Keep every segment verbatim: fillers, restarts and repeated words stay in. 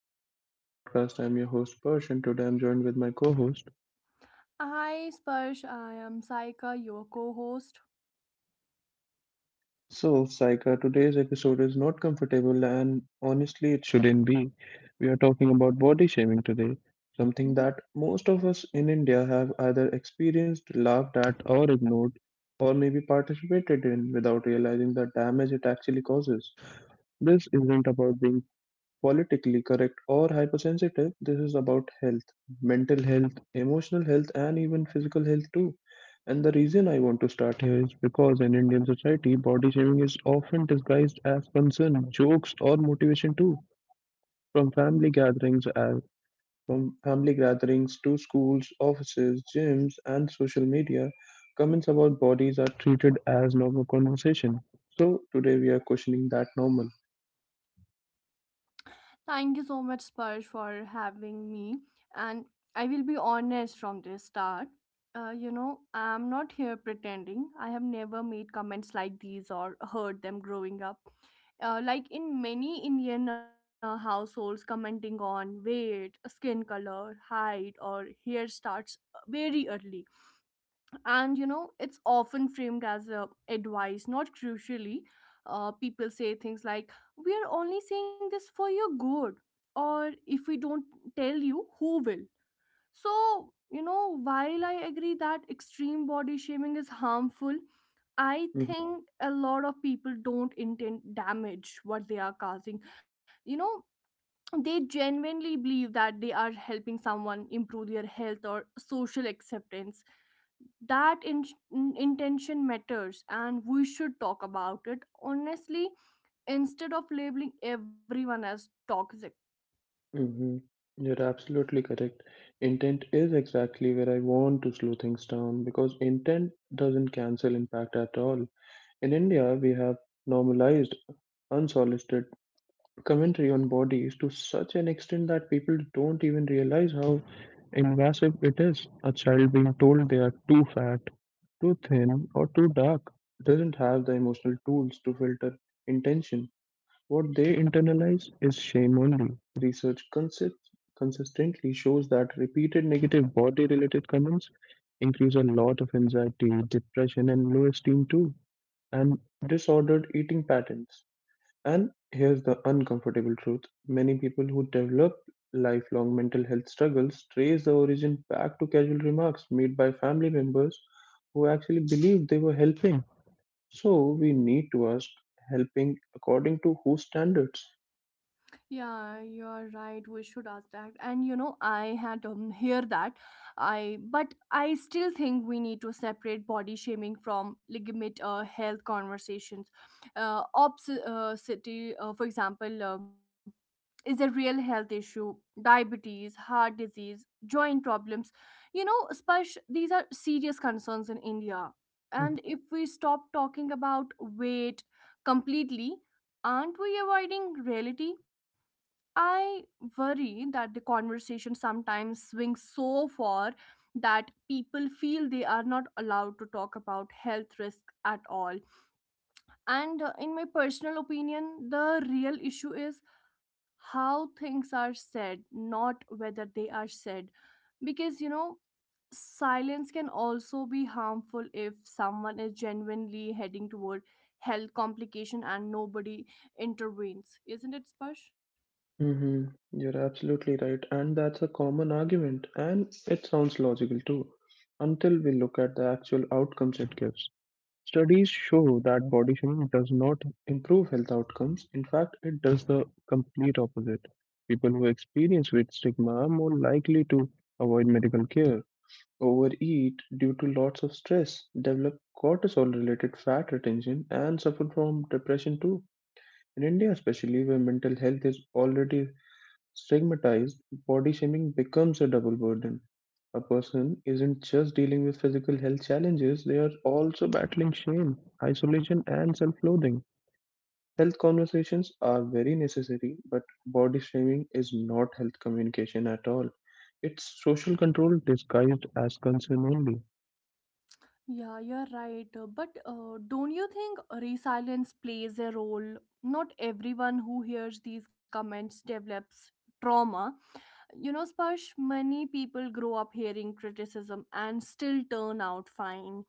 welcome back to my podcast. I'm your host Persh and today I'm joined with my co-host. Hi Sparsh, I am Saika, your co host. So, Saika, today's episode is not comfortable and honestly it shouldn't be. We are talking about body shaming today, something that most of us in India have either experienced, laughed at, or ignored, or maybe participated in without realizing the damage it actually causes. This isn't about being politically correct or hypersensitive, this is about health, mental health, emotional health, and even physical health too. And the reason I want to start here is because in Indian society, body shaming is often disguised as concern, jokes, or motivation too. From family gatherings, as, from family gatherings to schools, offices, gyms, and social media, comments about bodies are treated as normal conversation. So today we are questioning that normal. Thank you so much, Sparsh, for having me. And I will be honest from the start. Uh, you know, I'm not here pretending. I have never made comments like these or heard them growing up. Uh, like in many Indian uh, households, commenting on weight, skin color, height, or hair starts uh, very early, and you know it's often framed as a advice, not crucially. Uh, people say things like, we are only saying this for your good, or if we don't tell you, who will? So you know, while I agree that extreme body shaming is harmful, I Hmm. think a lot of people don't intend damage what they are causing. You know, they genuinely believe that they are helping someone improve their health or social acceptance. That in- in- intention matters, and we should talk about it honestly instead of labeling everyone as toxic. hmm You're absolutely correct. Intent is exactly where I want to slow things down, because intent doesn't cancel impact at all. In India, we have normalized unsolicited commentary on bodies to such an extent that people don't even realize how invasive it is. A child being told they are too fat, too thin, or too dark doesn't have the emotional tools to filter intention. What they internalize is shame only. Research consist- consistently shows that repeated negative body related comments increase a lot of anxiety, depression, and low esteem too, and disordered eating patterns. And here's the uncomfortable truth: many people who develop lifelong mental health struggles trace the origin back to casual remarks made by family members who actually believed they were helping. So we need to ask, helping according to whose standards? Yeah, you're right, we should ask that. And you know, I had um, hear that. I but I still think we need to separate body shaming from legitimate uh, health conversations. uh, obs- uh, City uh, for example, uh, is a real health issue. Diabetes, heart disease, joint problems. You know, Sparsh, these are serious concerns in India, and if we stop talking about weight completely, aren't we avoiding reality? I worry that the conversation sometimes swings so far that people feel they are not allowed to talk about health risk at all. And uh, in my personal opinion, the real issue is how things are said, not whether they are said. Because, you know, silence can also be harmful if someone is genuinely heading toward health complication and nobody intervenes. Isn't it, Sparsh? Mm-hmm. You're absolutely right. And that's a common argument. And it sounds logical too, until we look at the actual outcomes it gives. Studies show that body shaming does not improve health outcomes. In fact, it does the complete opposite. People who experience weight stigma are more likely to avoid medical care, overeat due to lots of stress, develop cortisol-related fat retention, and suffer from depression too. In India, especially where mental health is already stigmatized, body shaming becomes a double burden. A person isn't just dealing with physical health challenges, they are also battling shame, isolation, and self loathing. Health conversations are very necessary, but body shaming is not health communication at all. It's social control disguised as concern only. Yeah, you're right. Uh, But uh, don't you think resilience plays a role? Not everyone who hears these comments develops trauma. You know, Sparsh, many people grow up hearing criticism and still turn out fine.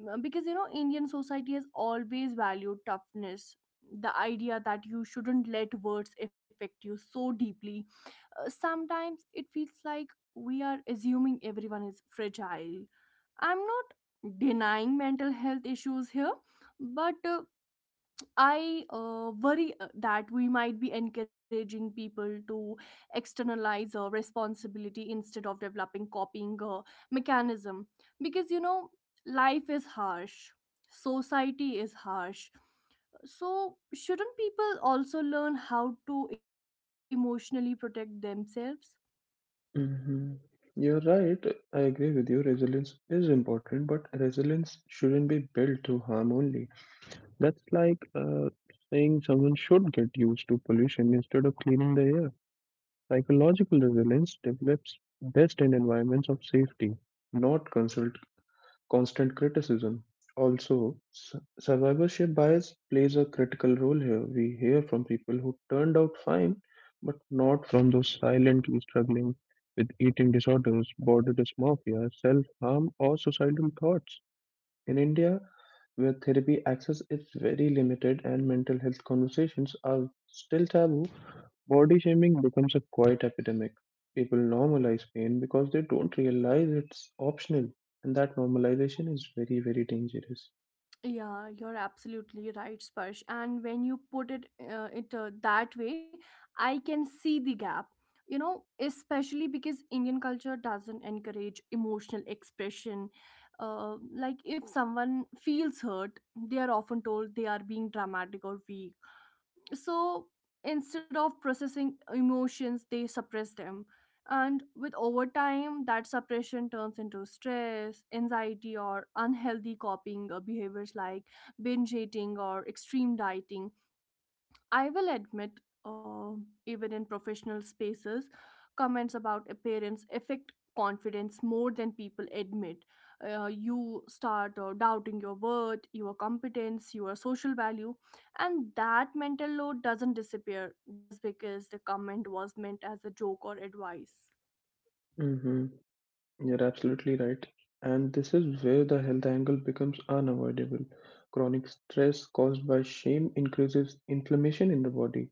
Mm. Because, you know, Indian society has always valued toughness. The idea that you shouldn't let words affect you so deeply. Uh, sometimes it feels like we are assuming everyone is fragile. I'm not denying mental health issues here, but uh, I uh, worry uh, that we might be encouraging people to externalize uh, responsibility instead of developing copying uh, mechanism, because you know life is harsh, society is harsh. So shouldn't people also learn how to emotionally protect themselves? Hmm. You're right. I agree with you. Resilience is important, but resilience shouldn't be built through harm only. That's like uh, saying someone should get used to pollution instead of cleaning the air. Psychological resilience develops best in environments of safety, not consult, constant criticism. Also, su- survivorship bias plays a critical role here. We hear from people who turned out fine, but not from those silently struggling with eating disorders, body dysmorphia, self harm, or suicidal thoughts. In India, where therapy access is very limited and mental health conversations are still taboo, body shaming becomes a quiet epidemic. People normalize pain because they don't realize it's optional, and that normalization is very, very dangerous. Yeah, you're absolutely right, Sparsh. And when you put it uh, it uh, that way, I can see the gap. You know, especially because Indian culture doesn't encourage emotional expression. Uh, like if someone feels hurt, they are often told they are being dramatic or weak, so instead of processing emotions they suppress them, and with over time that suppression turns into stress, anxiety, or unhealthy copying uh, behaviors like binge eating or extreme dieting. I will admit, uh, even in professional spaces, comments about appearance affect confidence more than people admit. Uh, you start uh, doubting your worth, your competence, your social value, and that mental load doesn't disappear just because the comment was meant as a joke or advice. Mhm. You're absolutely right. And this is where the health angle becomes unavoidable. Chronic stress caused by shame increases inflammation in the body,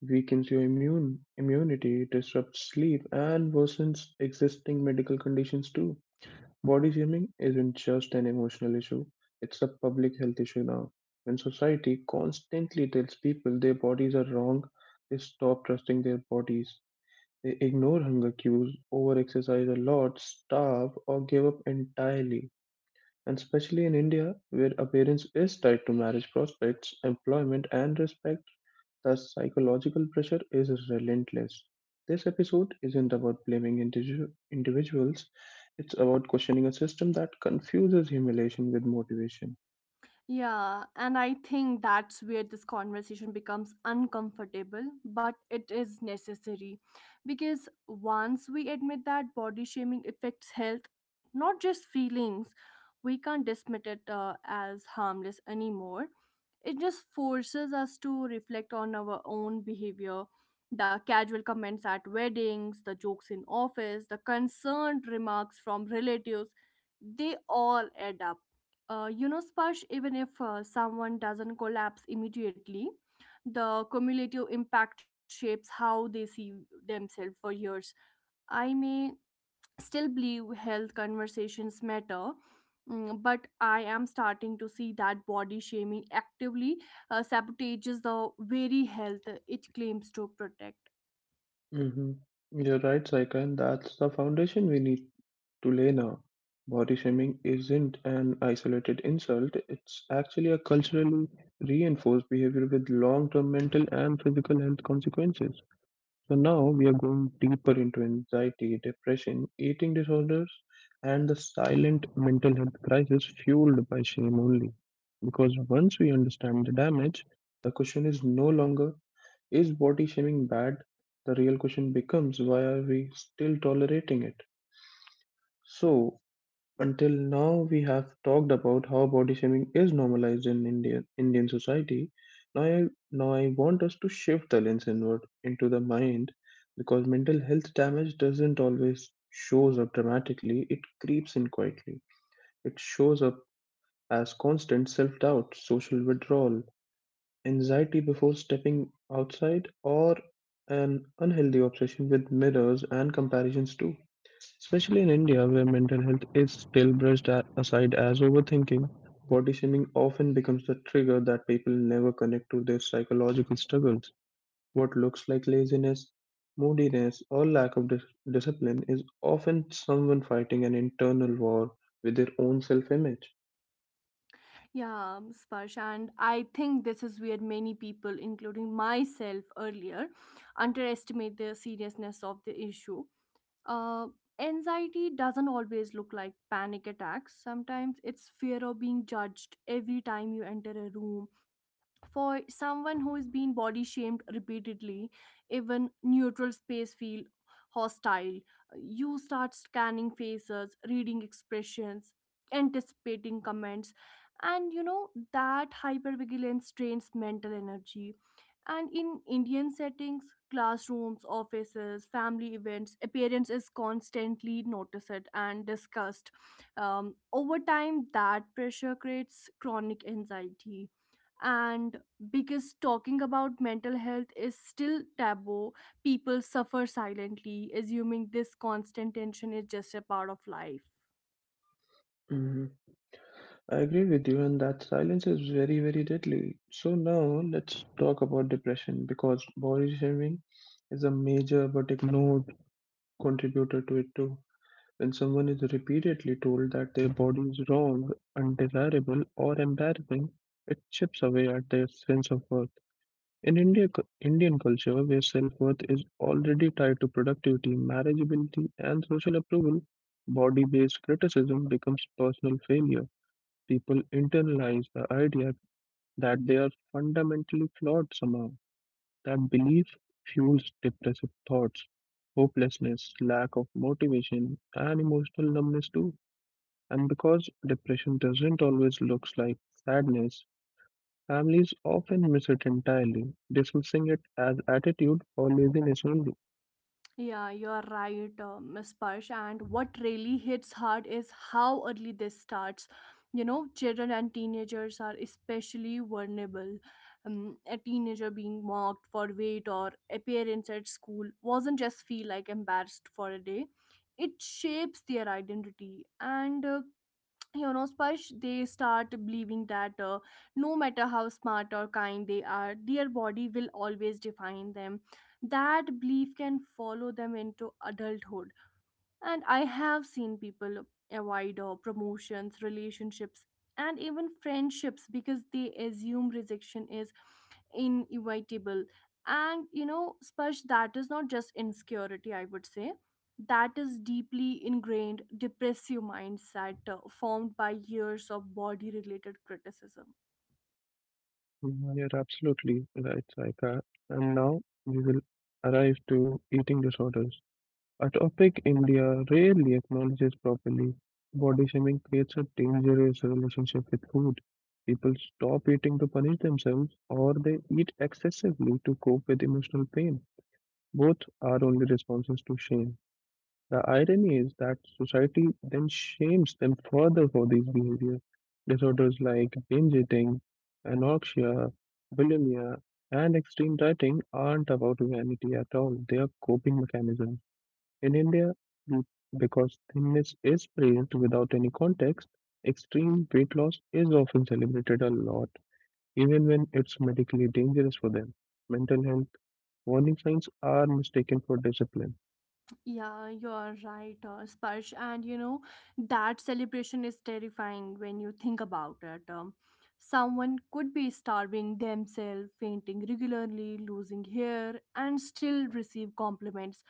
weakens your immune immunity, disrupts sleep, and worsens existing medical conditions too. Body shaming isn't just an emotional issue, it's a public health issue now. When society constantly tells people their bodies are wrong, they stop trusting their bodies. They ignore hunger cues, overexercise a lot, starve, or give up entirely. And especially in India, where appearance is tied to marriage prospects, employment, and respect, the psychological pressure is relentless. This episode isn't about blaming individu- individuals, it's about questioning a system that confuses humiliation with motivation. Yeah, and I think that's where this conversation becomes uncomfortable, but it is necessary. Because once we admit that body shaming affects health, not just feelings, we can't dismiss it uh, as harmless anymore. It just forces us to reflect on our own behavior. The casual comments at weddings, the jokes in office, the concerned remarks from relatives, they all add up. Uh, you know, Sparsh, even if uh, someone doesn't collapse immediately, the cumulative impact shapes how they see themselves for years. I may still believe health conversations matter, mm, but I am starting to see that body shaming actively uh, sabotages the very health it claims to protect. Hmm. You're right, Saika, and that's the foundation we need. To Lena, body shaming isn't an isolated insult, it's actually a culturally reinforced behavior with long term mental and physical health consequences. So, now we are going deeper into anxiety, depression, eating disorders, and the silent mental health crisis fueled by shame only. Because once we understand the damage, the question is no longer, is body shaming bad? The real question becomes, why are we still tolerating it? So, until now, we have talked about how body shaming is normalized in India, Indian society. Now I, now, I want us to shift the lens inward into the mind, because mental health damage doesn't always shows up dramatically, it creeps in quietly. It shows up as constant self doubt, social withdrawal, anxiety before stepping outside, or an unhealthy obsession with mirrors and comparisons too. Especially in India, where mental health is still brushed a- aside as overthinking, body shaming often becomes the trigger that people never connect to their psychological struggles. What looks like laziness, moodiness, or lack of dis- discipline is often someone fighting an internal war with their own self image. yeah um, Sparsh, and I think this is where many people including myself earlier underestimate the seriousness of the issue. uh, Anxiety doesn't always look like panic attacks. Sometimes it's fear of being judged every time you enter a room. For someone who is being body shamed repeatedly, even neutral space feel hostile. Uh, you start scanning faces, reading expressions, anticipating comments, and you know that hypervigilance strains mental energy. And in Indian settings, classrooms, offices, family events, appearance is constantly noticed and discussed. um, Over time that pressure creates chronic anxiety, and because talking about mental health is still taboo. People suffer silently, assuming this constant tension is just a part of life. Mhm. I agree with you, and that silence is very, very deadly. So, now let's talk about depression, because body shaming is a major but ignored contributor to it too. When someone is repeatedly told that their body is wrong, undesirable, or embarrassing, it chips away at their sense of worth. In India, cu- Indian culture, where self worth is already tied to productivity, marriageability, and social approval, body based criticism becomes personal failure. People internalize the idea that they are fundamentally flawed somehow. That belief fuels depressive thoughts, hopelessness, lack of motivation, and emotional numbness too. And because depression doesn't always look like sadness, families often miss it entirely, dismissing it as attitude or laziness only. Yeah, you're right, uh, Miss Parsh. And what really hits hard is how early this starts. You know, children and teenagers are especially vulnerable. Um, a teenager being mocked for weight or appearance at school wasn't just feel like embarrassed for a day. It shapes their identity. And uh, you know Sparsh, they start believing that uh, no matter how smart or kind they are, their body will always define them. That belief can follow them into adulthood, and I have seen people avoid uh, promotions, relationships, and even friendships because they assume rejection is inevitable. And you know, Sparsh, that is not just insecurity, I would say. That is deeply ingrained depressive mindset uh, formed by years of body related criticism. Mhm. You're absolutely right, Saika. And now we will arrive to eating disorders, a topic India rarely acknowledges properly. Body shaming creates a dangerous relationship with food. People stop eating to punish themselves, or they eat excessively to cope with emotional pain. Both are only responses to shame. The irony is that society then shames them further for these behavior. Disorders like binge eating, anorexia, bulimia, and extreme dieting aren't about vanity at all. They are coping mechanisms. In India, be- because thinness is praised without any context, extreme weight loss is often celebrated a lot, even when it's medically dangerous for them. Mental health warning signs are mistaken for discipline. Yeah, you're right, uh, Sparsh. And you know, that celebration is terrifying when you think about it. Um, someone could be starving themselves, fainting regularly, losing hair, and still receive compliments.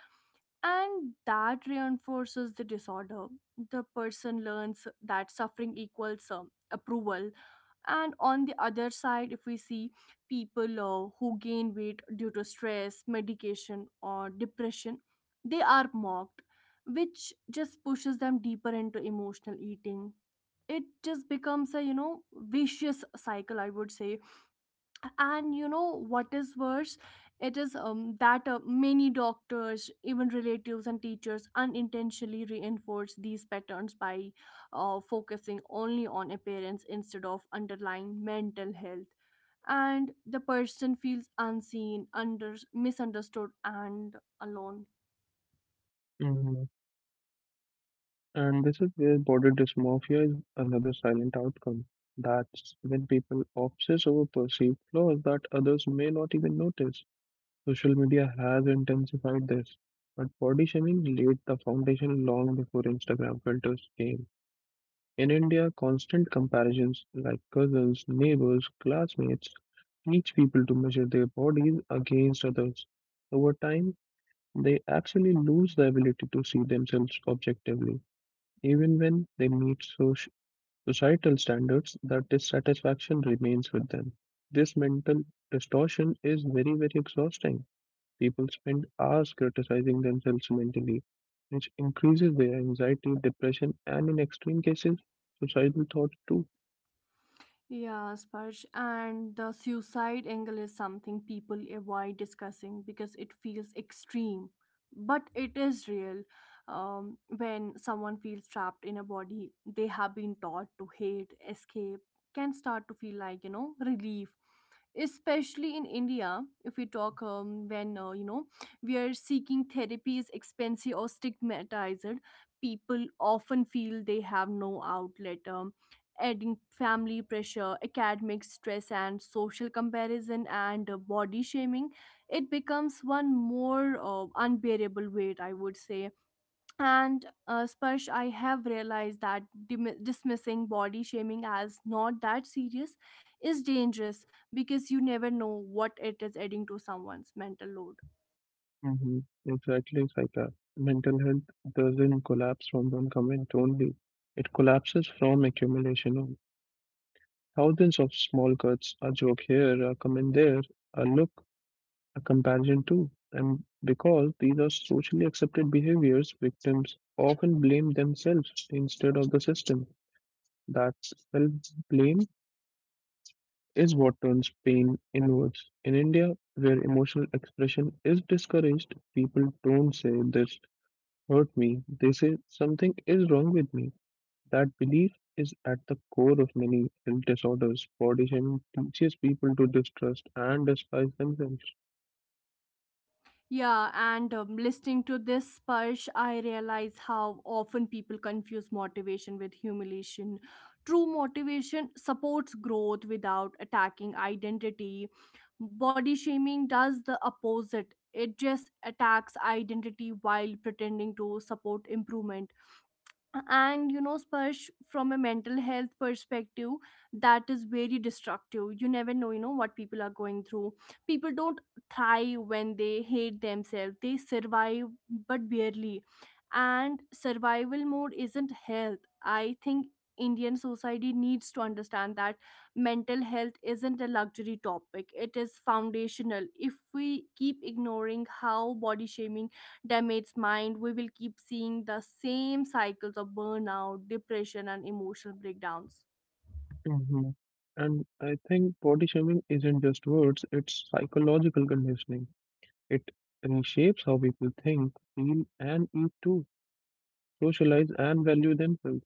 And that reinforces the disorder. The person learns that suffering equals um, approval. And on the other side, if we see people uh, who gain weight due to stress, medication, or depression, they are mocked, which just pushes them deeper into emotional eating. It just becomes a, you know, vicious cycle, I would say. And you know what is worse, it is um, that uh, many doctors, even relatives and teachers, unintentionally reinforce these patterns by uh, focusing only on appearance instead of underlying mental health, and the person feels unseen, under misunderstood, and alone. And this is where body dysmorphia is another silent outcome. That's when people obsess over perceived flaws that others may not even notice. Social media has intensified this, but body shaming laid the foundation long before Instagram filters came. In India, constant comparisons like cousins, neighbors, classmates teach people to measure their bodies against others. Over time, they actually lose the ability to see themselves objectively. Even when they meet soci- societal standards, that dissatisfaction remains with them. This mental distortion is very, very exhausting. People spend hours criticizing themselves mentally, which increases their anxiety, depression, and in extreme cases, suicidal thoughts too. Yeah, Sparsh, and the suicide angle is something people avoid discussing because it feels extreme, but it is real. Um, when someone feels trapped in a body they have been taught to hate, escape can start to feel like, you know, relief. Especially in India, if we talk um, when, uh, you know, we are seeking therapy is expensive or stigmatized, people often feel they have no outlet. Um, adding family pressure, academic stress, and social comparison and uh, body shaming, it becomes one more uh, unbearable weight, I would say. And uh, Sparsh, I have realized that dim- dismissing body shaming as not that serious is dangerous, because you never know what it is adding to someone's mental load. Hmm. Exactly, Saika. Mental health doesn't collapse from one comment only. It collapses from accumulation of thousands of small cuts, a joke here, a comment there, a look, a comparison too. And because these are socially accepted behaviors, victims often blame themselves instead of the system. That self blame is what turns pain inwards. In India, where emotional expression is discouraged, people don't say this hurt me, they say something is wrong with me. That belief is at the core of many health disorders. Body shaming teaches people to distrust and despise themselves. Yeah, and um, listening to this, Sparsh, I realize how often people confuse motivation with humiliation. True motivation supports growth without attacking identity. Body shaming does the opposite, it just attacks identity while pretending to support improvement. And you know, spurge, from a mental health perspective, that is very destructive. You never know, you know, what people are going through. People don't thrive when they hate themselves, they survive, but barely. And survival mode isn't health. I think Indian society needs to understand that mental health isn't a luxury topic, it is foundational. If we keep ignoring how body shaming damaged mind, we will keep seeing the same cycles of burnout, depression, and emotional breakdowns. Hmm. And I think body shaming isn't just words, it's psychological conditioning. It reshapes how people think, feel, and eat too, socialize, and value themselves.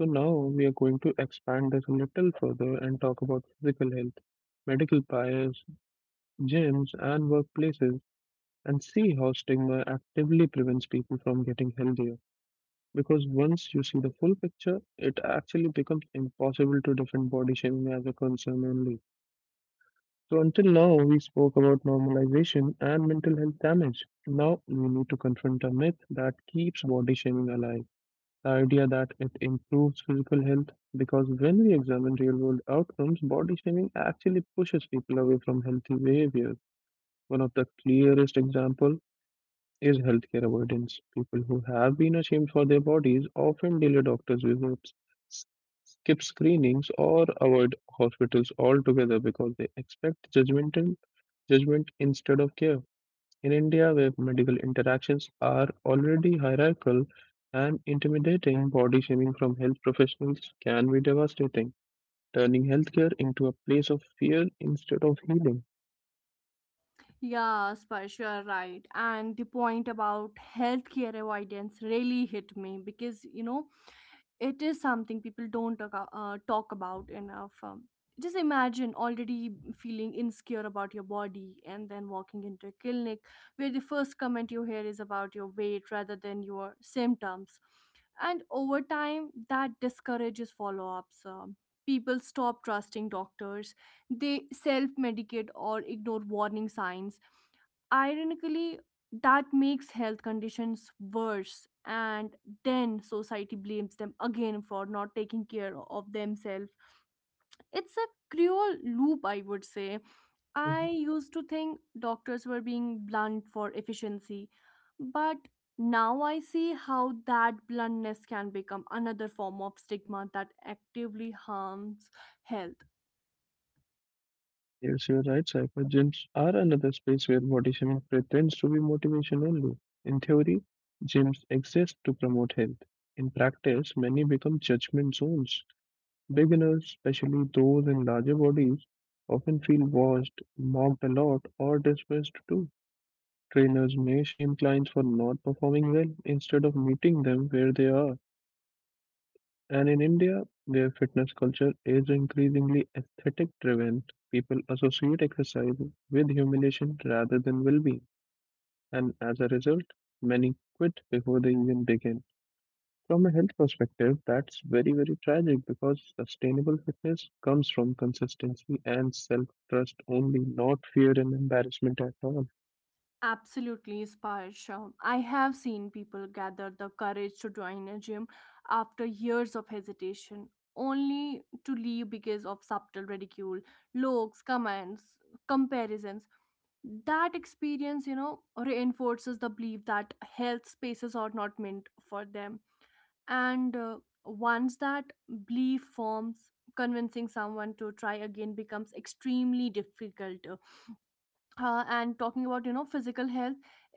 So now we are going to expand this a little further and talk about physical health, medical bias, gyms, and workplaces, and see how stigma actively prevents people from getting healthier. Because once you see the full picture, it actually becomes impossible to defend body shaming as a concern only. So, until now, we spoke about normalization and mental health damage. Now, we need to confront a myth that keeps body shaming alive: the idea that it improves physical health. Because when we examine real world outcomes, body shaming actually pushes people away from healthy behavior. One of the clearest examples is healthcare avoidance. People who have been ashamed for their bodies often delay doctor's visits, s- skip screenings, or avoid hospitals altogether because they expect judgmental judgment instead of care. In India, where medical interactions are already hierarchical and intimidating, body shaming from health professionals can be devastating, turning healthcare into a place of fear instead of healing. Yeah, Sparsh, you are right. And the point about healthcare avoidance really hit me because, you know, it is something people don't talk, uh, uh, talk about enough. Um, just imagine already feeling insecure about your body and then walking into a clinic where the first comment you hear is about your weight rather than your symptoms. And over time, that discourages follow ups. Um, people stop trusting doctors, they self medicate or ignore warning signs. Ironically, that makes health conditions worse, and then society blames them again for not taking care of themselves. It's a cruel loop, I would say. I Mhm. used to think doctors were being blunt for efficiency, but now I see how that bluntness can become another form of stigma that actively harms health. Yes, you're right. Cybergyms are another space where body shaming pretends to be motivation only. In theory, gyms exist to promote health. In practice, many become judgment zones. Beginners, especially those in larger bodies, often feel washed, mocked a lot, or dismissed too. Trainers may shame clients for not performing well instead of meeting them where they are. And in India, where fitness culture is increasingly aesthetic driven, people associate exercise with humiliation rather than well being. And as a result, many quit before they even begin. From a health perspective, that's very, very tragic because sustainable fitness comes from consistency and self trust only, not fear and embarrassment at all. Absolutely inspired, Sham. I have seen people gather the courage to join a gym after years of hesitation, only to leave because of subtle ridicule, looks, comments, comparisons. That experience, you know, reinforces the belief that health spaces are not meant for them. And uh, once that belief forms, convincing someone to try again becomes extremely difficult. Uh, uh, and talking about, you know, physical health,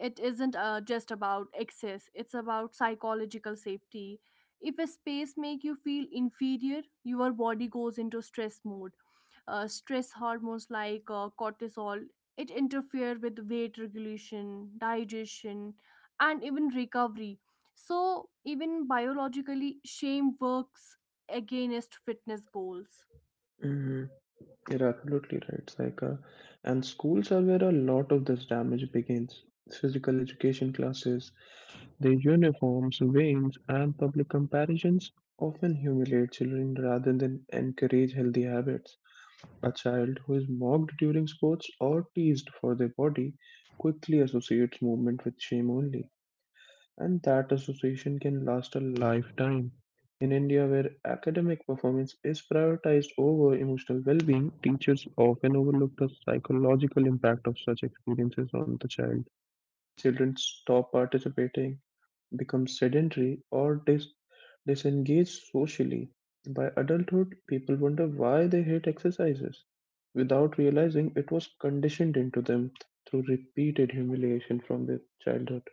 it isn't uh, just about excess, it's about psychological safety. If a space make you feel inferior, your body goes into stress mode. Uh, stress hormones like uh, cortisol, it interfere with weight regulation, digestion, and even recovery. So even biologically, shame works against fitness goals. hmm You're absolutely right, Saika. And schools are where a lot of this damage begins. Physical education classes, their uniforms, veins, and public comparisons often humiliate children rather than encourage healthy habits. A child who is mocked during sports or teased for their body quickly associates movement with shame only, and that association can last a lifetime. In India, where academic performance is prioritized over emotional well being, teachers often overlook the psychological impact of such experiences on the child. Children stop participating, become sedentary or dis- disengaged socially. By adulthood, people wonder why they hate exercises without realizing it was conditioned into them through repeated humiliation from their childhood.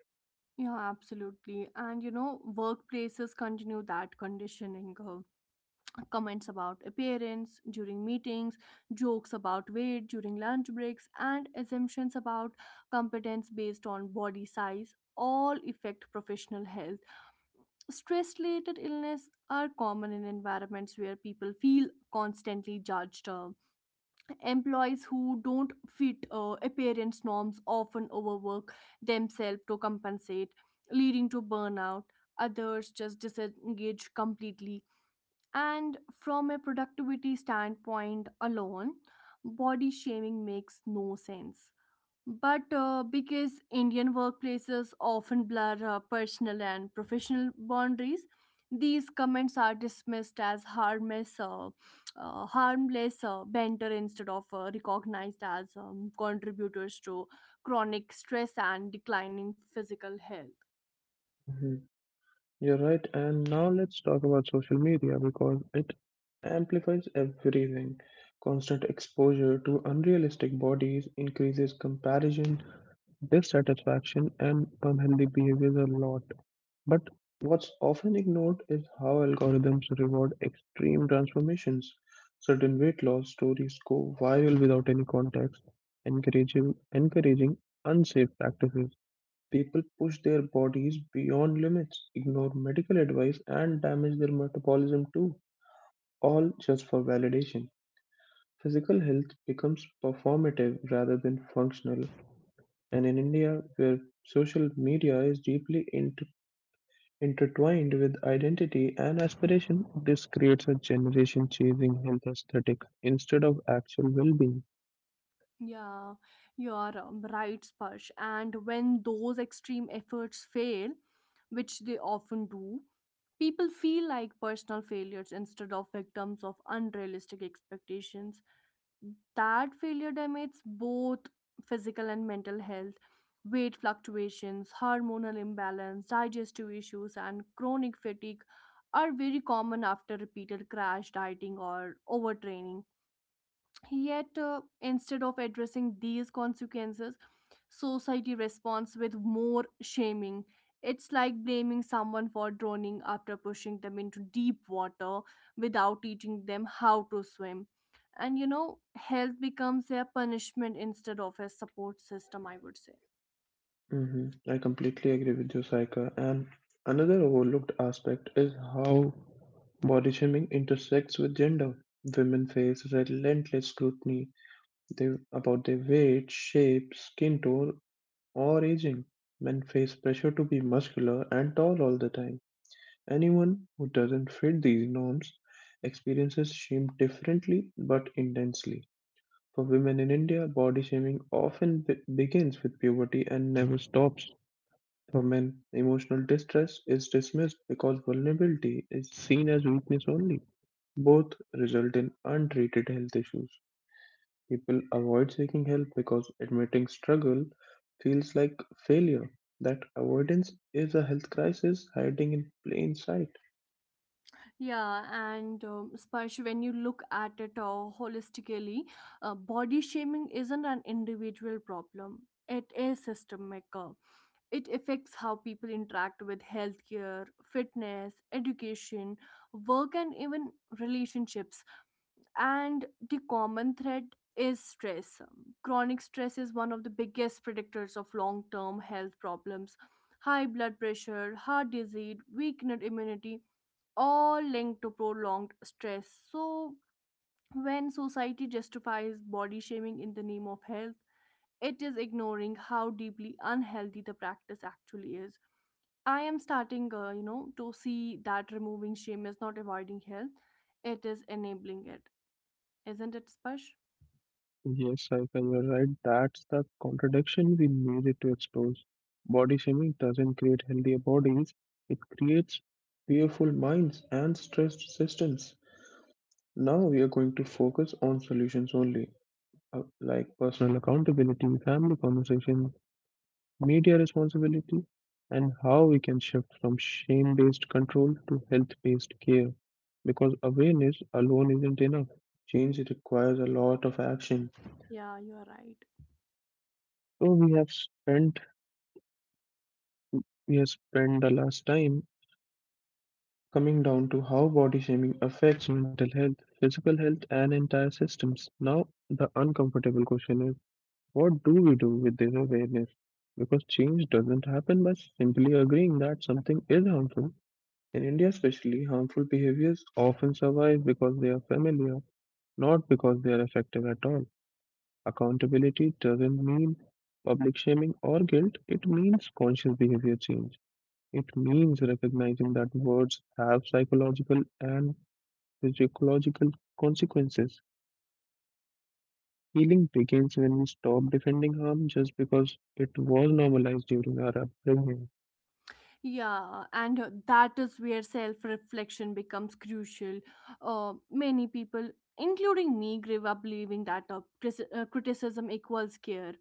Yeah, absolutely. And you know, workplaces continue that conditioning. Uh, comments about appearance during meetings, jokes about weight during lunch breaks, and assumptions about competence based on body size all affect professional health. Stress related illness are common in environments where people feel constantly judged. Uh, Employees who don't fit uh, appearance norms often overwork themselves to compensate, leading to burnout. Others just disengage completely. And from a productivity standpoint alone, body shaming makes no sense, but uh, because Indian workplaces often blur uh, personal and professional boundaries, these comments are dismissed as harmless, uh, uh, harmless uh, banter instead of uh, recognized as um, contributors to chronic stress and declining physical health. Mhm. You're right. And now let's talk about social media because it amplifies everything. Constant exposure to unrealistic bodies increases comparison, dissatisfaction, and unhealthy behaviors a lot. But what's often ignored is how algorithms reward extreme transformations. Certain weight loss stories go viral without any context, encouraging, encouraging unsafe practices. People push their bodies beyond limits, ignore medical advice, and damage their metabolism too, all just for validation. Physical health becomes performative rather than functional, and in India, where social media is deeply intertwined with identity and aspiration, this creates a generation chasing health aesthetic instead of actual well being. Yeah, you are um, right, Sparsh. And when those extreme efforts fail, which they often do, people feel like personal failures instead of victims of unrealistic expectations. That failure damages both physical and mental health. Weight fluctuations, hormonal imbalance, digestive issues, and chronic fatigue are very common after repeated crash dieting or overtraining. Yet, uh, instead of addressing these consequences, society responds with more shaming. It's like blaming someone for drowning after pushing them into deep water without teaching them how to swim. And you know, health becomes a punishment instead of a support system, I would say. hmm I completely agree with you, Saika. And another overlooked aspect is how body shaming intersects with gender. Women face relentless scrutiny they, about their weight, shape, skin tone, or aging. Men face pressure to be muscular and tall all the time. Anyone who doesn't fit these norms experiences shame differently but intensely. For women in India, body shaming often be- begins with puberty and never stops. For men, emotional distress is dismissed because vulnerability is seen as weakness only. Both result in untreated health issues. People avoid seeking help because admitting struggle feels like failure. That avoidance is a health crisis hiding in plain sight. Yeah, and um, especially when you look at it uh, holistically, uh, body shaming isn't an individual problem, it is systemic. uh, It affects how people interact with healthcare, fitness, education, work, and even relationships. And the common thread is stress. Um, Chronic stress is one of the biggest predictors of long term health problems. High blood pressure, heart disease, weakened immunity, all linked to prolonged stress. So, when society justifies body shaming in the name of health, it is ignoring how deeply unhealthy the practice actually is. I am starting, uh, you know, to see that removing shame is not avoiding health; it is enabling it. Isn't it, Spash? Yes, I can. You're right. That's the contradiction we needed to expose. Body shaming doesn't create healthier bodies, it creates fearful minds and stressed systems. Now we are going to focus on solutions only, uh, like personal accountability, family conversation, media responsibility, and how we can shift from shame based control to health based care. Because awareness alone isn't enough. Change requires a lot of action. Yeah, you are right. So we have spent we have spent the last time coming down to how body shaming affects mental health, physical health, and entire systems. Now, the uncomfortable question is what do we do with this awareness? Because change doesn't happen by simply agreeing that something is harmful. In India, especially, harmful behaviors often survive because they are familiar, not because they are effective at all. Accountability doesn't mean public shaming or guilt, it means conscious behavior change. It means recognizing that words have psychological and physiological consequences. Healing begins when we stop defending harm just because it was normalized during our upbringing. Yeah, and uh, that is where self-reflection becomes crucial. Uh, many people, including me, grew up believing that uh, cris- uh, criticism equals care.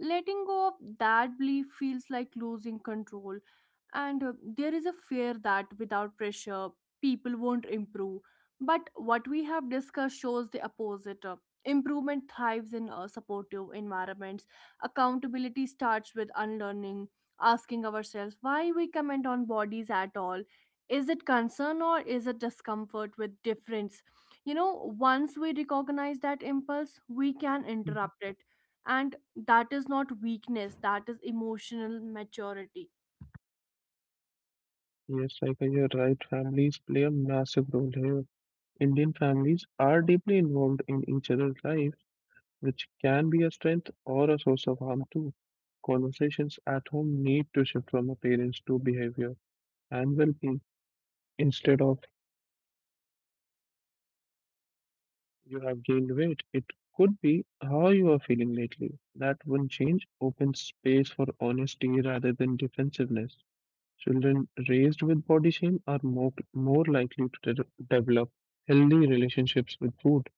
Letting go of that belief feels like losing control, and uh, there is a fear that without pressure people won't improve, but what we have discussed shows the opposite. Uh, improvement thrives in uh, supportive environments. Accountability starts with unlearning, asking ourselves why we comment on bodies at all. Is it concern, or is it discomfort with difference? You know, once we recognize that impulse, we can Mhm. interrupt it, and that is not weakness, that is emotional maturity. Yes, Saika, you're right. Families play a massive role here. Indian families are deeply involved in each other's lives, which can be a strength or a source of harm too. Conversations at home need to shift from appearance to behavior and well being instead of you have gained weight. It could be how you are feeling lately. That one change opens space for honesty rather than defensiveness. Children raised with body shame are more, more likely to de- develop healthy relationships with food,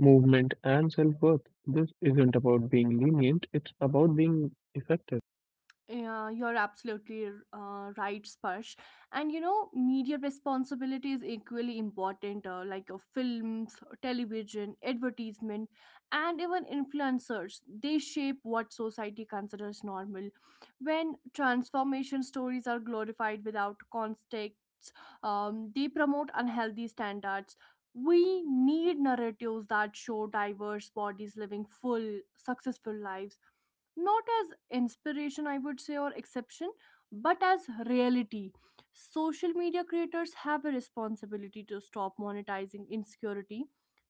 movement, and self worth. This isn't about being lenient, it's about being effective. Yeah, you're absolutely uh, right, Sparsh. And you know, media responsibility is equally important, uh, like uh, films, television, advertisement, and even influencers. They shape what society considers normal. When transformation stories are glorified without context, um, they promote unhealthy standards. We need narratives that show diverse bodies living full, successful lives, not as inspiration, I would say, or exception, but as reality. Social media creators have a responsibility to stop monetizing insecurity.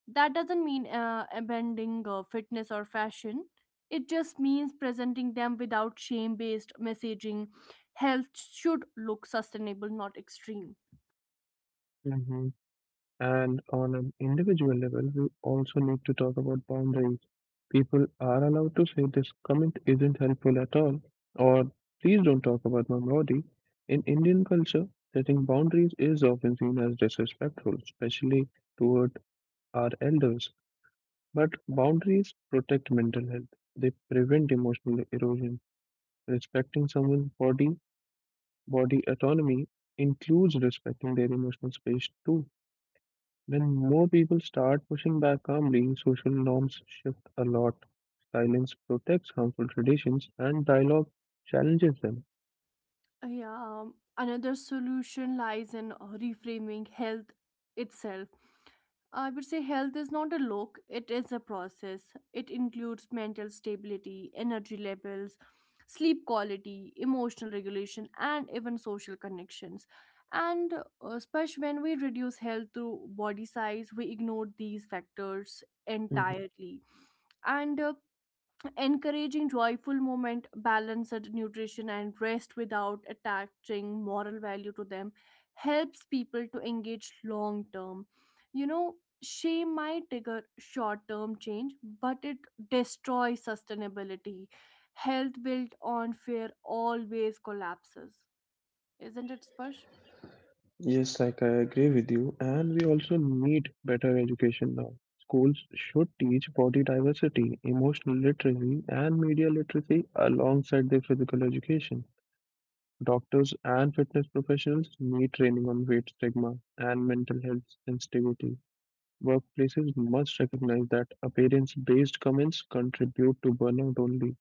That doesn't mean uh, abandoning uh, fitness or fashion. It just means presenting them without shame based messaging. Health should look sustainable, not extreme. Mhm. And on an individual level, we also need to talk about boundaries. People are allowed to say this comment isn't helpful at all, or please don't talk about my body. In Indian culture, setting boundaries is often seen as disrespectful, especially toward our elders. But boundaries protect mental health, they prevent emotional erosion. Respecting someone's body, body autonomy includes respecting their emotional space too. When more people start pushing back calmly, social norms shift a lot. Silence protects harmful traditions and dialogue challenges them. Yeah, um, another solution lies in uh, reframing health itself. I would say health is not a look, it is a process. It includes mental stability, energy levels, sleep quality, emotional regulation, and even social connections. And uh, especially when we reduce health through body size, we ignore these factors Mhm. entirely. And uh, encouraging joyful movement, balanced nutrition, and rest without attaching moral value to them helps people to engage long term. You know, shame might trigger short term change, but it destroys sustainability. Health built on fear always collapses. Isn't it, Sparsh? Yes, like I agree with you, and we also need better education now. Schools should teach body diversity, emotional literacy, and media literacy alongside their physical education. Doctors and fitness professionals need training on weight stigma and mental health sensitivity. Workplaces must recognize that appearance based comments contribute to burnout only.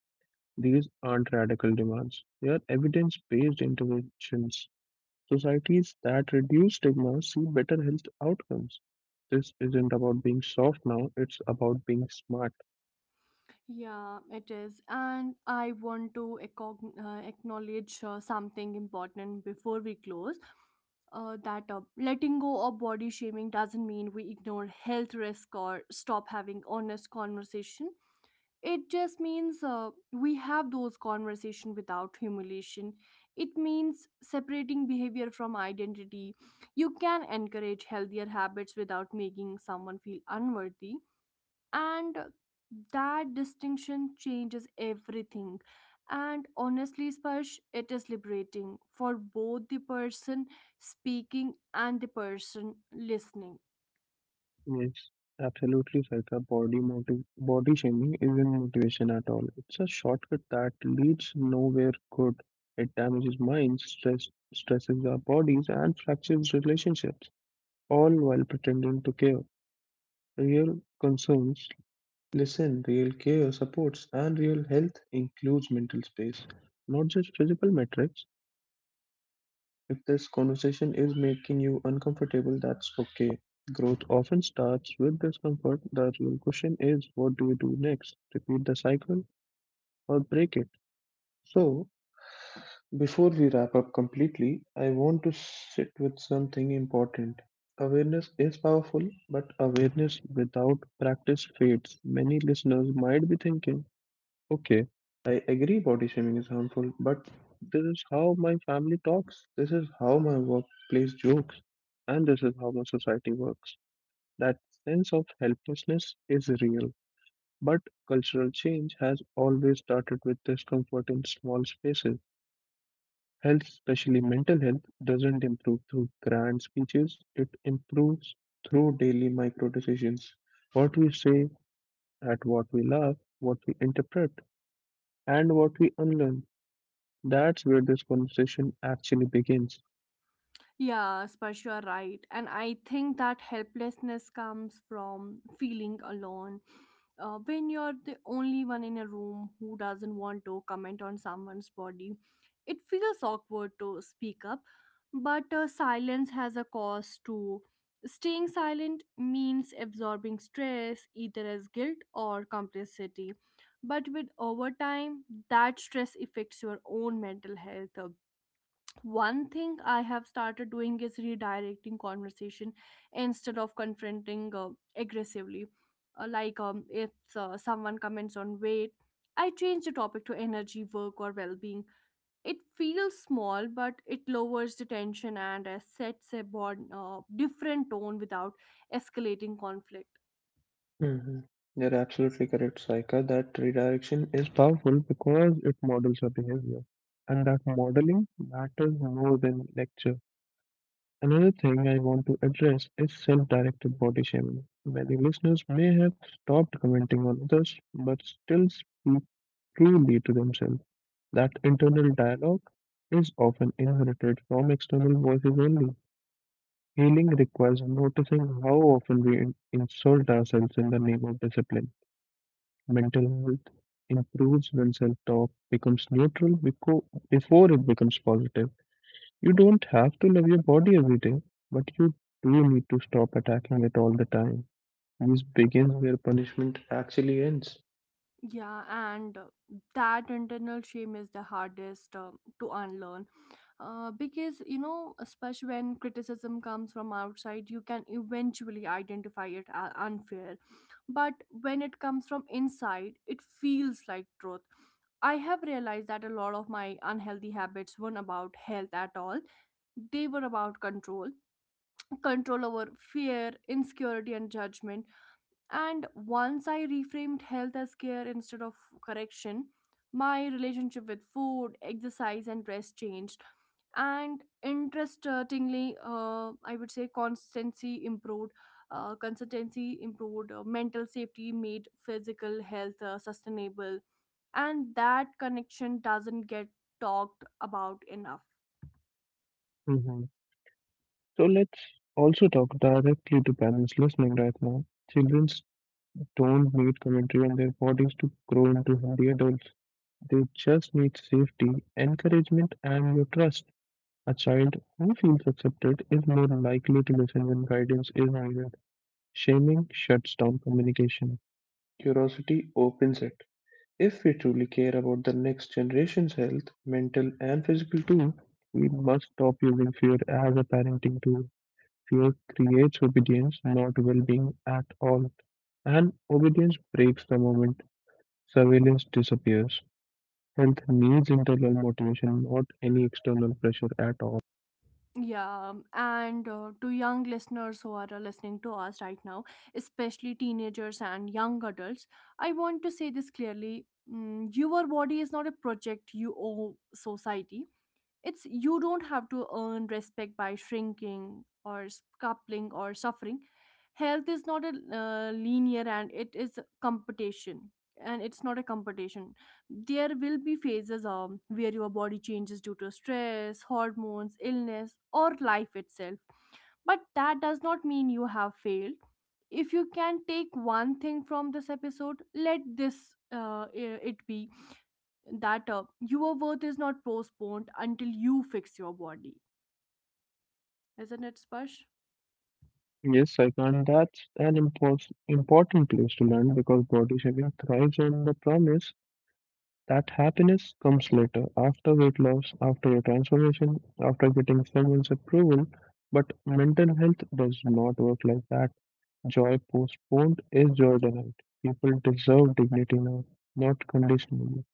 These aren't radical demands, they are evidence based interventions. Societies that reduce stigma see better health outcomes. This isn't about being soft now, it's about being smart. Yeah, it is. And I want to accog- uh, acknowledge uh, something important before we close. Uh, that uh, letting go of body shaming doesn't mean we ignore health risk or stop having honest conversation. It just means uh, we have those conversation without humiliation. It means separating behavior from identity. You can encourage healthier habits without making someone feel unworthy, and that distinction changes everything. And honestly, Sparsh, it is liberating for both the person speaking and the person listening. Yes, absolutely, Saika. Body, motiv- body shaming isn't motivation at all. It's a shortcut that leads nowhere good. It damages minds, stress, stresses our bodies, and fractures relationships, all while pretending to care. Real concerns listen, real care supports, and real health includes mental space, not just physical metrics. If this conversation is making you uncomfortable, that's okay. Growth often starts with discomfort. The real question is what do we do next? Repeat the cycle or break it? So, Before we wrap up completely, I want to sit with something important. Awareness is powerful, but awareness without practice fades. Many listeners might be thinking, okay, I agree body shaming is harmful, but this is how my family talks, this is how my workplace jokes, and this is how my society works. That sense of helplessness is real, but cultural change has always started with discomfort in small spaces. Health, especially mental health, doesn't improve through grand speeches. It improves through daily micro decisions. What we say, at what we love, what we interpret, and what we unlearn. That's where this conversation actually begins. Yeah, Sparsh, you are right. And I think that helplessness comes from feeling alone. Uh, when you're the only one in a room who doesn't want to comment on someone's body, it feels awkward to speak up. But uh, silence has a cost too. Staying silent means absorbing stress, either as guilt or complicity. But with overtime, that stress affects your own mental health. Uh, one thing I have started doing is redirecting conversation instead of confronting uh, aggressively. Uh, like um, if uh, someone comments on weight, I change the topic to energy work or well-being. It feels small, but it lowers the tension and uh, sets a bond, uh, different tone without escalating conflict. hmm You're absolutely correct, Saika. That redirection is powerful because it models our behavior. And that modeling matters more than lecture. Another thing I want to address is self directed body shaming. Many listeners may have stopped commenting on others but still speak truly to themselves. That internal dialogue is often inherited from external voices only. Healing requires noticing how often we in- insult ourselves in the name of discipline. Mental health improves when self talk becomes neutral beco- before it becomes positive. You don't have to love your body every day, but you do need to stop attacking it all the time. Use begins where punishment actually ends. Yeah, and uh, that internal shame is the hardest um to unlearn. Uh, because you know, especially when criticism comes from outside, you can eventually identify it as unfair, but when it comes from inside, it feels like truth. I have realized that a lot of my unhealthy habits weren't about health at all, they were about control, control over fear, insecurity, and judgment. And once I reframed health as care instead of correction, my relationship with food, exercise, and rest changed. And interestingly, uh, I would say constancy improved, uh, consistency improved. Uh, mental safety made physical health uh, sustainable. And that connection doesn't get talked about enough. hmm So let's also talk directly to parents listening right now. Children don't need commentary on their bodies to grow into healthy adults. They just need safety, encouragement, and your trust. A child who feels accepted is more likely to listen when guidance is needed. Shaming shuts down communication. Curiosity opens it. If we truly care about the next generation's health, mental and physical too, we must stop using fear as a parenting tool. Fear creates obedience, not well being at all. And obedience breaks the moment surveillance disappears. Health needs internal motivation, not any external pressure at all. Yeah, and uh, to young listeners who are uh, listening to us right now, especially teenagers and young adults, I want to say this clearly. Mm, your body is not a project you owe society. It's, you don't have to earn respect by shrinking or scuffling or suffering. Health is not a uh, linear, and it is a competition, and it's not a competition. There will be phases um, where your body changes due to stress, hormones, illness, or life itself. But that does not mean you have failed. If you can take one thing from this episode, let this uh, i- it be that uh, your worth is not postponed until you fix your body. Isn't it, Sparsh? Yes, I can. That's an impos- important place to land because body shaming thrives on the promise that happiness comes later, after weight loss, after your transformation, after getting someone's approval. But mental health does not work like that. Joy postponed is joy denied. People deserve dignity now, not conditionally.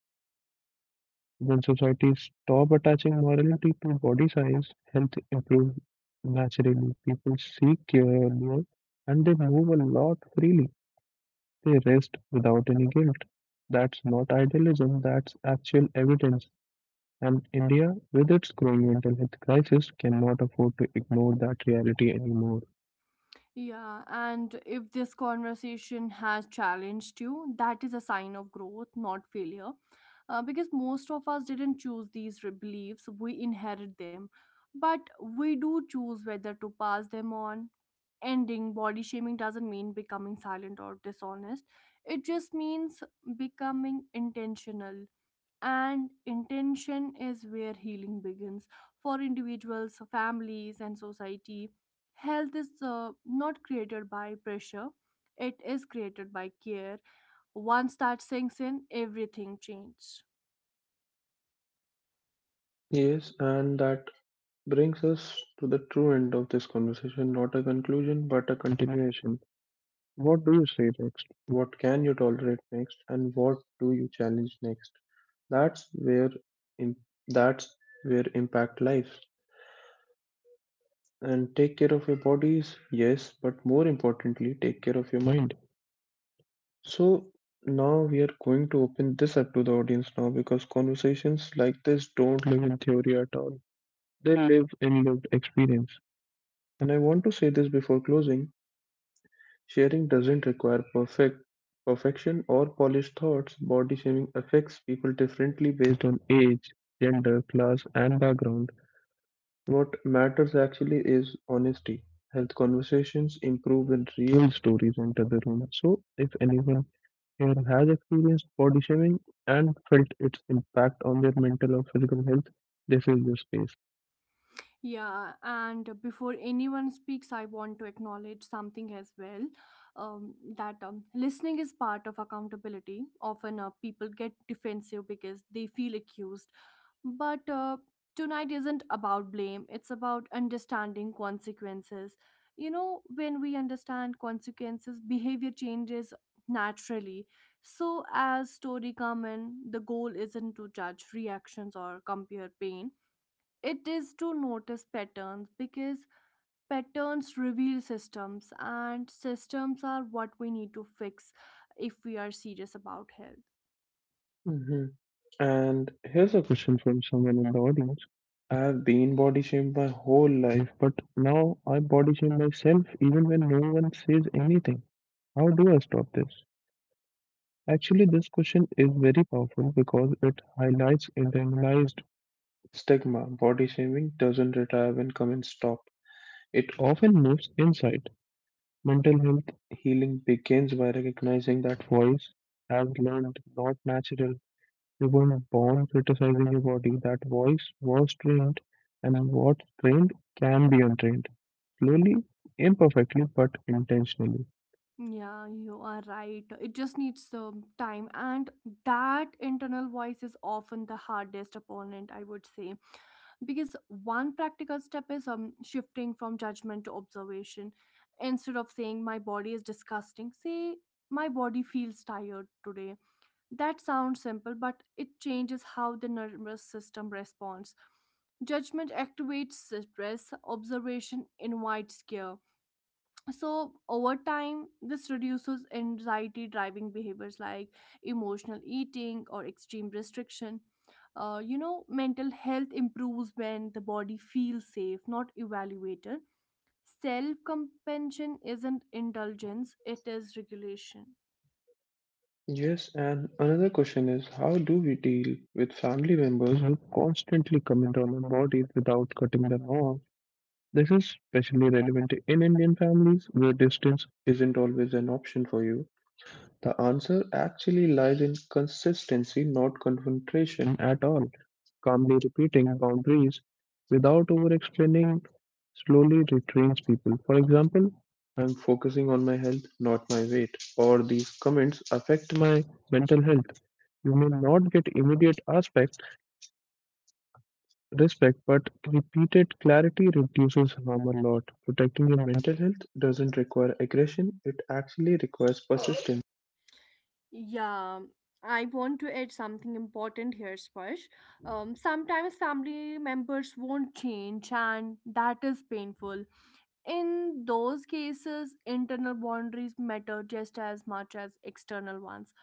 When societies stop attaching morality to body size, health improves naturally. People seek care earlier and they move a lot freely. They rest without any guilt. That's not idealism, that's actual evidence, and India, with its growing mental health crisis, cannot afford to ignore that reality anymore. Yeah, and if this conversation has challenged you, that is a sign of growth, not failure. Uh, because most of us didn't choose these re- beliefs, we inherit them. But we do choose whether to pass them on. Ending body shaming doesn't mean becoming silent or dishonest, it just means becoming intentional, and intention is where healing begins for individuals, families, and society. Health is uh, not created by pressure, it is created by care. Once that sinks in, everything changes. Yes, and that brings us to the true end of this conversation, not a conclusion, but a continuation. What do you say next? What can you tolerate next, and what do you challenge next? That's where im- that's where impact lives. And take care of your bodies, yes, but more importantly, take care of your mind. So now we are going to open this up to the audience now because conversations like this don't live in theory at all. They live in lived experience. And I want to say this before closing. Sharing doesn't require perfect perfection or polished thoughts. Body shaming affects people differently based on age, gender, class, and background. What matters actually is honesty. Health conversations improve when real stories enter the room. So, if anyone here has experienced body shaming and felt its impact on their mental or physical health, this is your space. Yeah, and before anyone speaks, I want to acknowledge something as well, um, that um, listening is part of accountability. Often uh, people get defensive because they feel accused. But uh, tonight isn't about blame, it's about understanding consequences. You know, when we understand consequences, behavior changes naturally. So, as story come in, the goal isn't to judge reactions or compare pain, it is to notice patterns, because patterns reveal systems, and systems are what we need to fix if we are serious about health. hmm And here's a question from someone in the audience. I've been body shamed my whole life, but now I body shame myself even when no one says anything. How do I stop this? Actually, this question is very powerful because it highlights internalized stigma. Body shaming doesn't retire when comments stop, it often moves inside. Mental health healing begins by recognizing that voice has learned, not natural. You weren't born criticizing your body, that voice was trained, and what's trained can be untrained. Slowly, imperfectly, but intentionally. Yeah, you are right. It just needs some time, and that internal voice is often the hardest opponent, I would say. Because one practical step is um, shifting from judgment to observation. Instead of saying, "My body is disgusting," say, "My body feels tired today." That sounds simple, but it changes how the nervous system responds. Judgment activates stress, observation invites care. So, over time, this reduces anxiety driving behaviors like emotional eating or extreme restriction. Uh, you know, mental health improves when the body feels safe, not evaluated. Self compassion isn't indulgence, it is regulation. Yes, and another question is how do we deal with family members who constantly comment on our bodies without cutting them off? This is especially relevant in Indian families where distance isn't always an option for you. The answer actually lies in consistency, not confrontation at all. Calmly repeating boundaries without over explaining slowly retrains people. For example, I'm focusing on my health, not my weight, or these comments affect my mental health. You may not get immediate aspect respect, but repeated clarity reduces harm a lot. Protecting your mental health doesn't require aggression, it actually requires persistence. Yeah, I want to add something important here, Sparsh. Um, sometimes family members won't change, and that is painful. In those cases, internal boundaries matter just as much as external ones.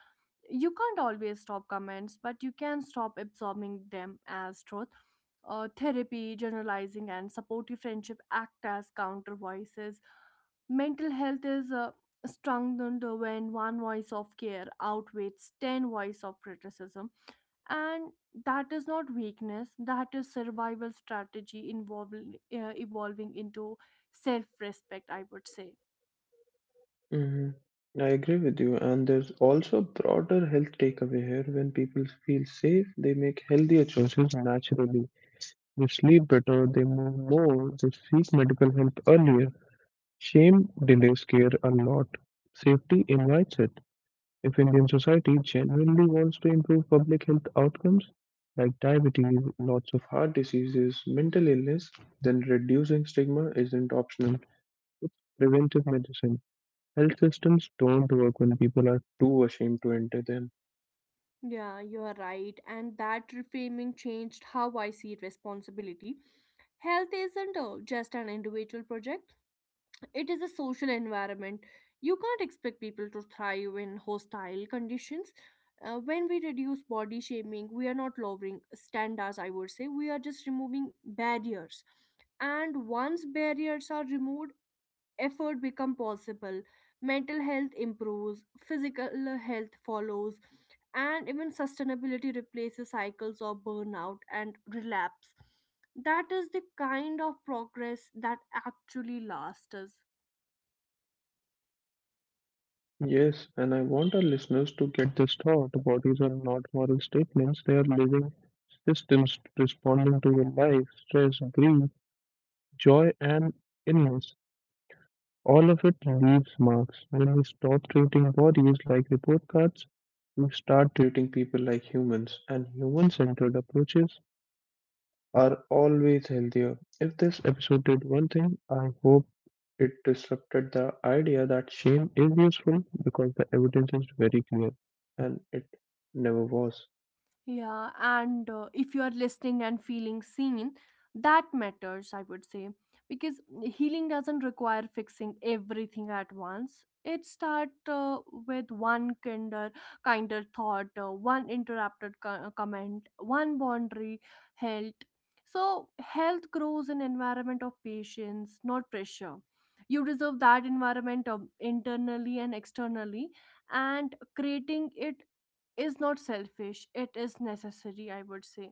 You can't always stop comments, but you can stop absorbing them as truth. Uh, therapy, generalizing, and supportive friendship act as counter voices. Mental health is uh, strengthened when one voice of care outweighs ten voice of criticism, and that is not weakness, that is survival strategy involving uh, evolving into self-respect, I would say. hmm I agree with you, and there's also a broader health takeaway here. When people feel safe, they make healthier choices naturally. They sleep better, they move more, they seek medical help earlier. Shame delays care a lot. Safety invites it. If Indian society genuinely wants to improve public health outcomes, like diabetes, lots of heart diseases, mental illness, then reducing stigma isn't optional. It's preventive medicine. Health systems don't work when people are too ashamed to enter them. Yeah, you are right, and that reframing changed how I see responsibility. Health isn't uh, just an individual project, it is a social environment. You can't expect people to thrive in hostile conditions. Uh, when we reduce body shaming, we are not lowering standards, I would say. We are just removing barriers. And once barriers are removed, effort become possible. Mental health improves, physical health follows, and even sustainability replaces cycles of burnout and relapse. That is the kind of progress that actually lasts us. Yes, and I want our listeners to get this thought. Bodies are not moral statements, they are living systems responding to your life, stress, grief, joy, and illness. All of it leaves marks. When we stop treating bodies like report cards, we start treating people like humans, and human centered approaches are always healthier. If this episode did one thing, I hope it disrupted the idea that shame is useful because the evidence is very clear and it never was. Yeah, and uh, if you are listening and feeling seen, that matters, I would say, because healing doesn't require fixing everything at once. It starts uh, with one kinder, kinder thought, uh, one interrupted co- uh, comment, one boundary held. So health grows in environment of patience, not pressure. You deserve that environment um, internally and externally, and creating it is not selfish, it is necessary, I would say.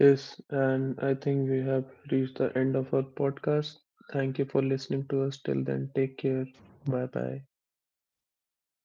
Yes, and I think we have reached the end of our podcast. Thank you for listening to us. Till then, take care. Bye bye. Bye bye.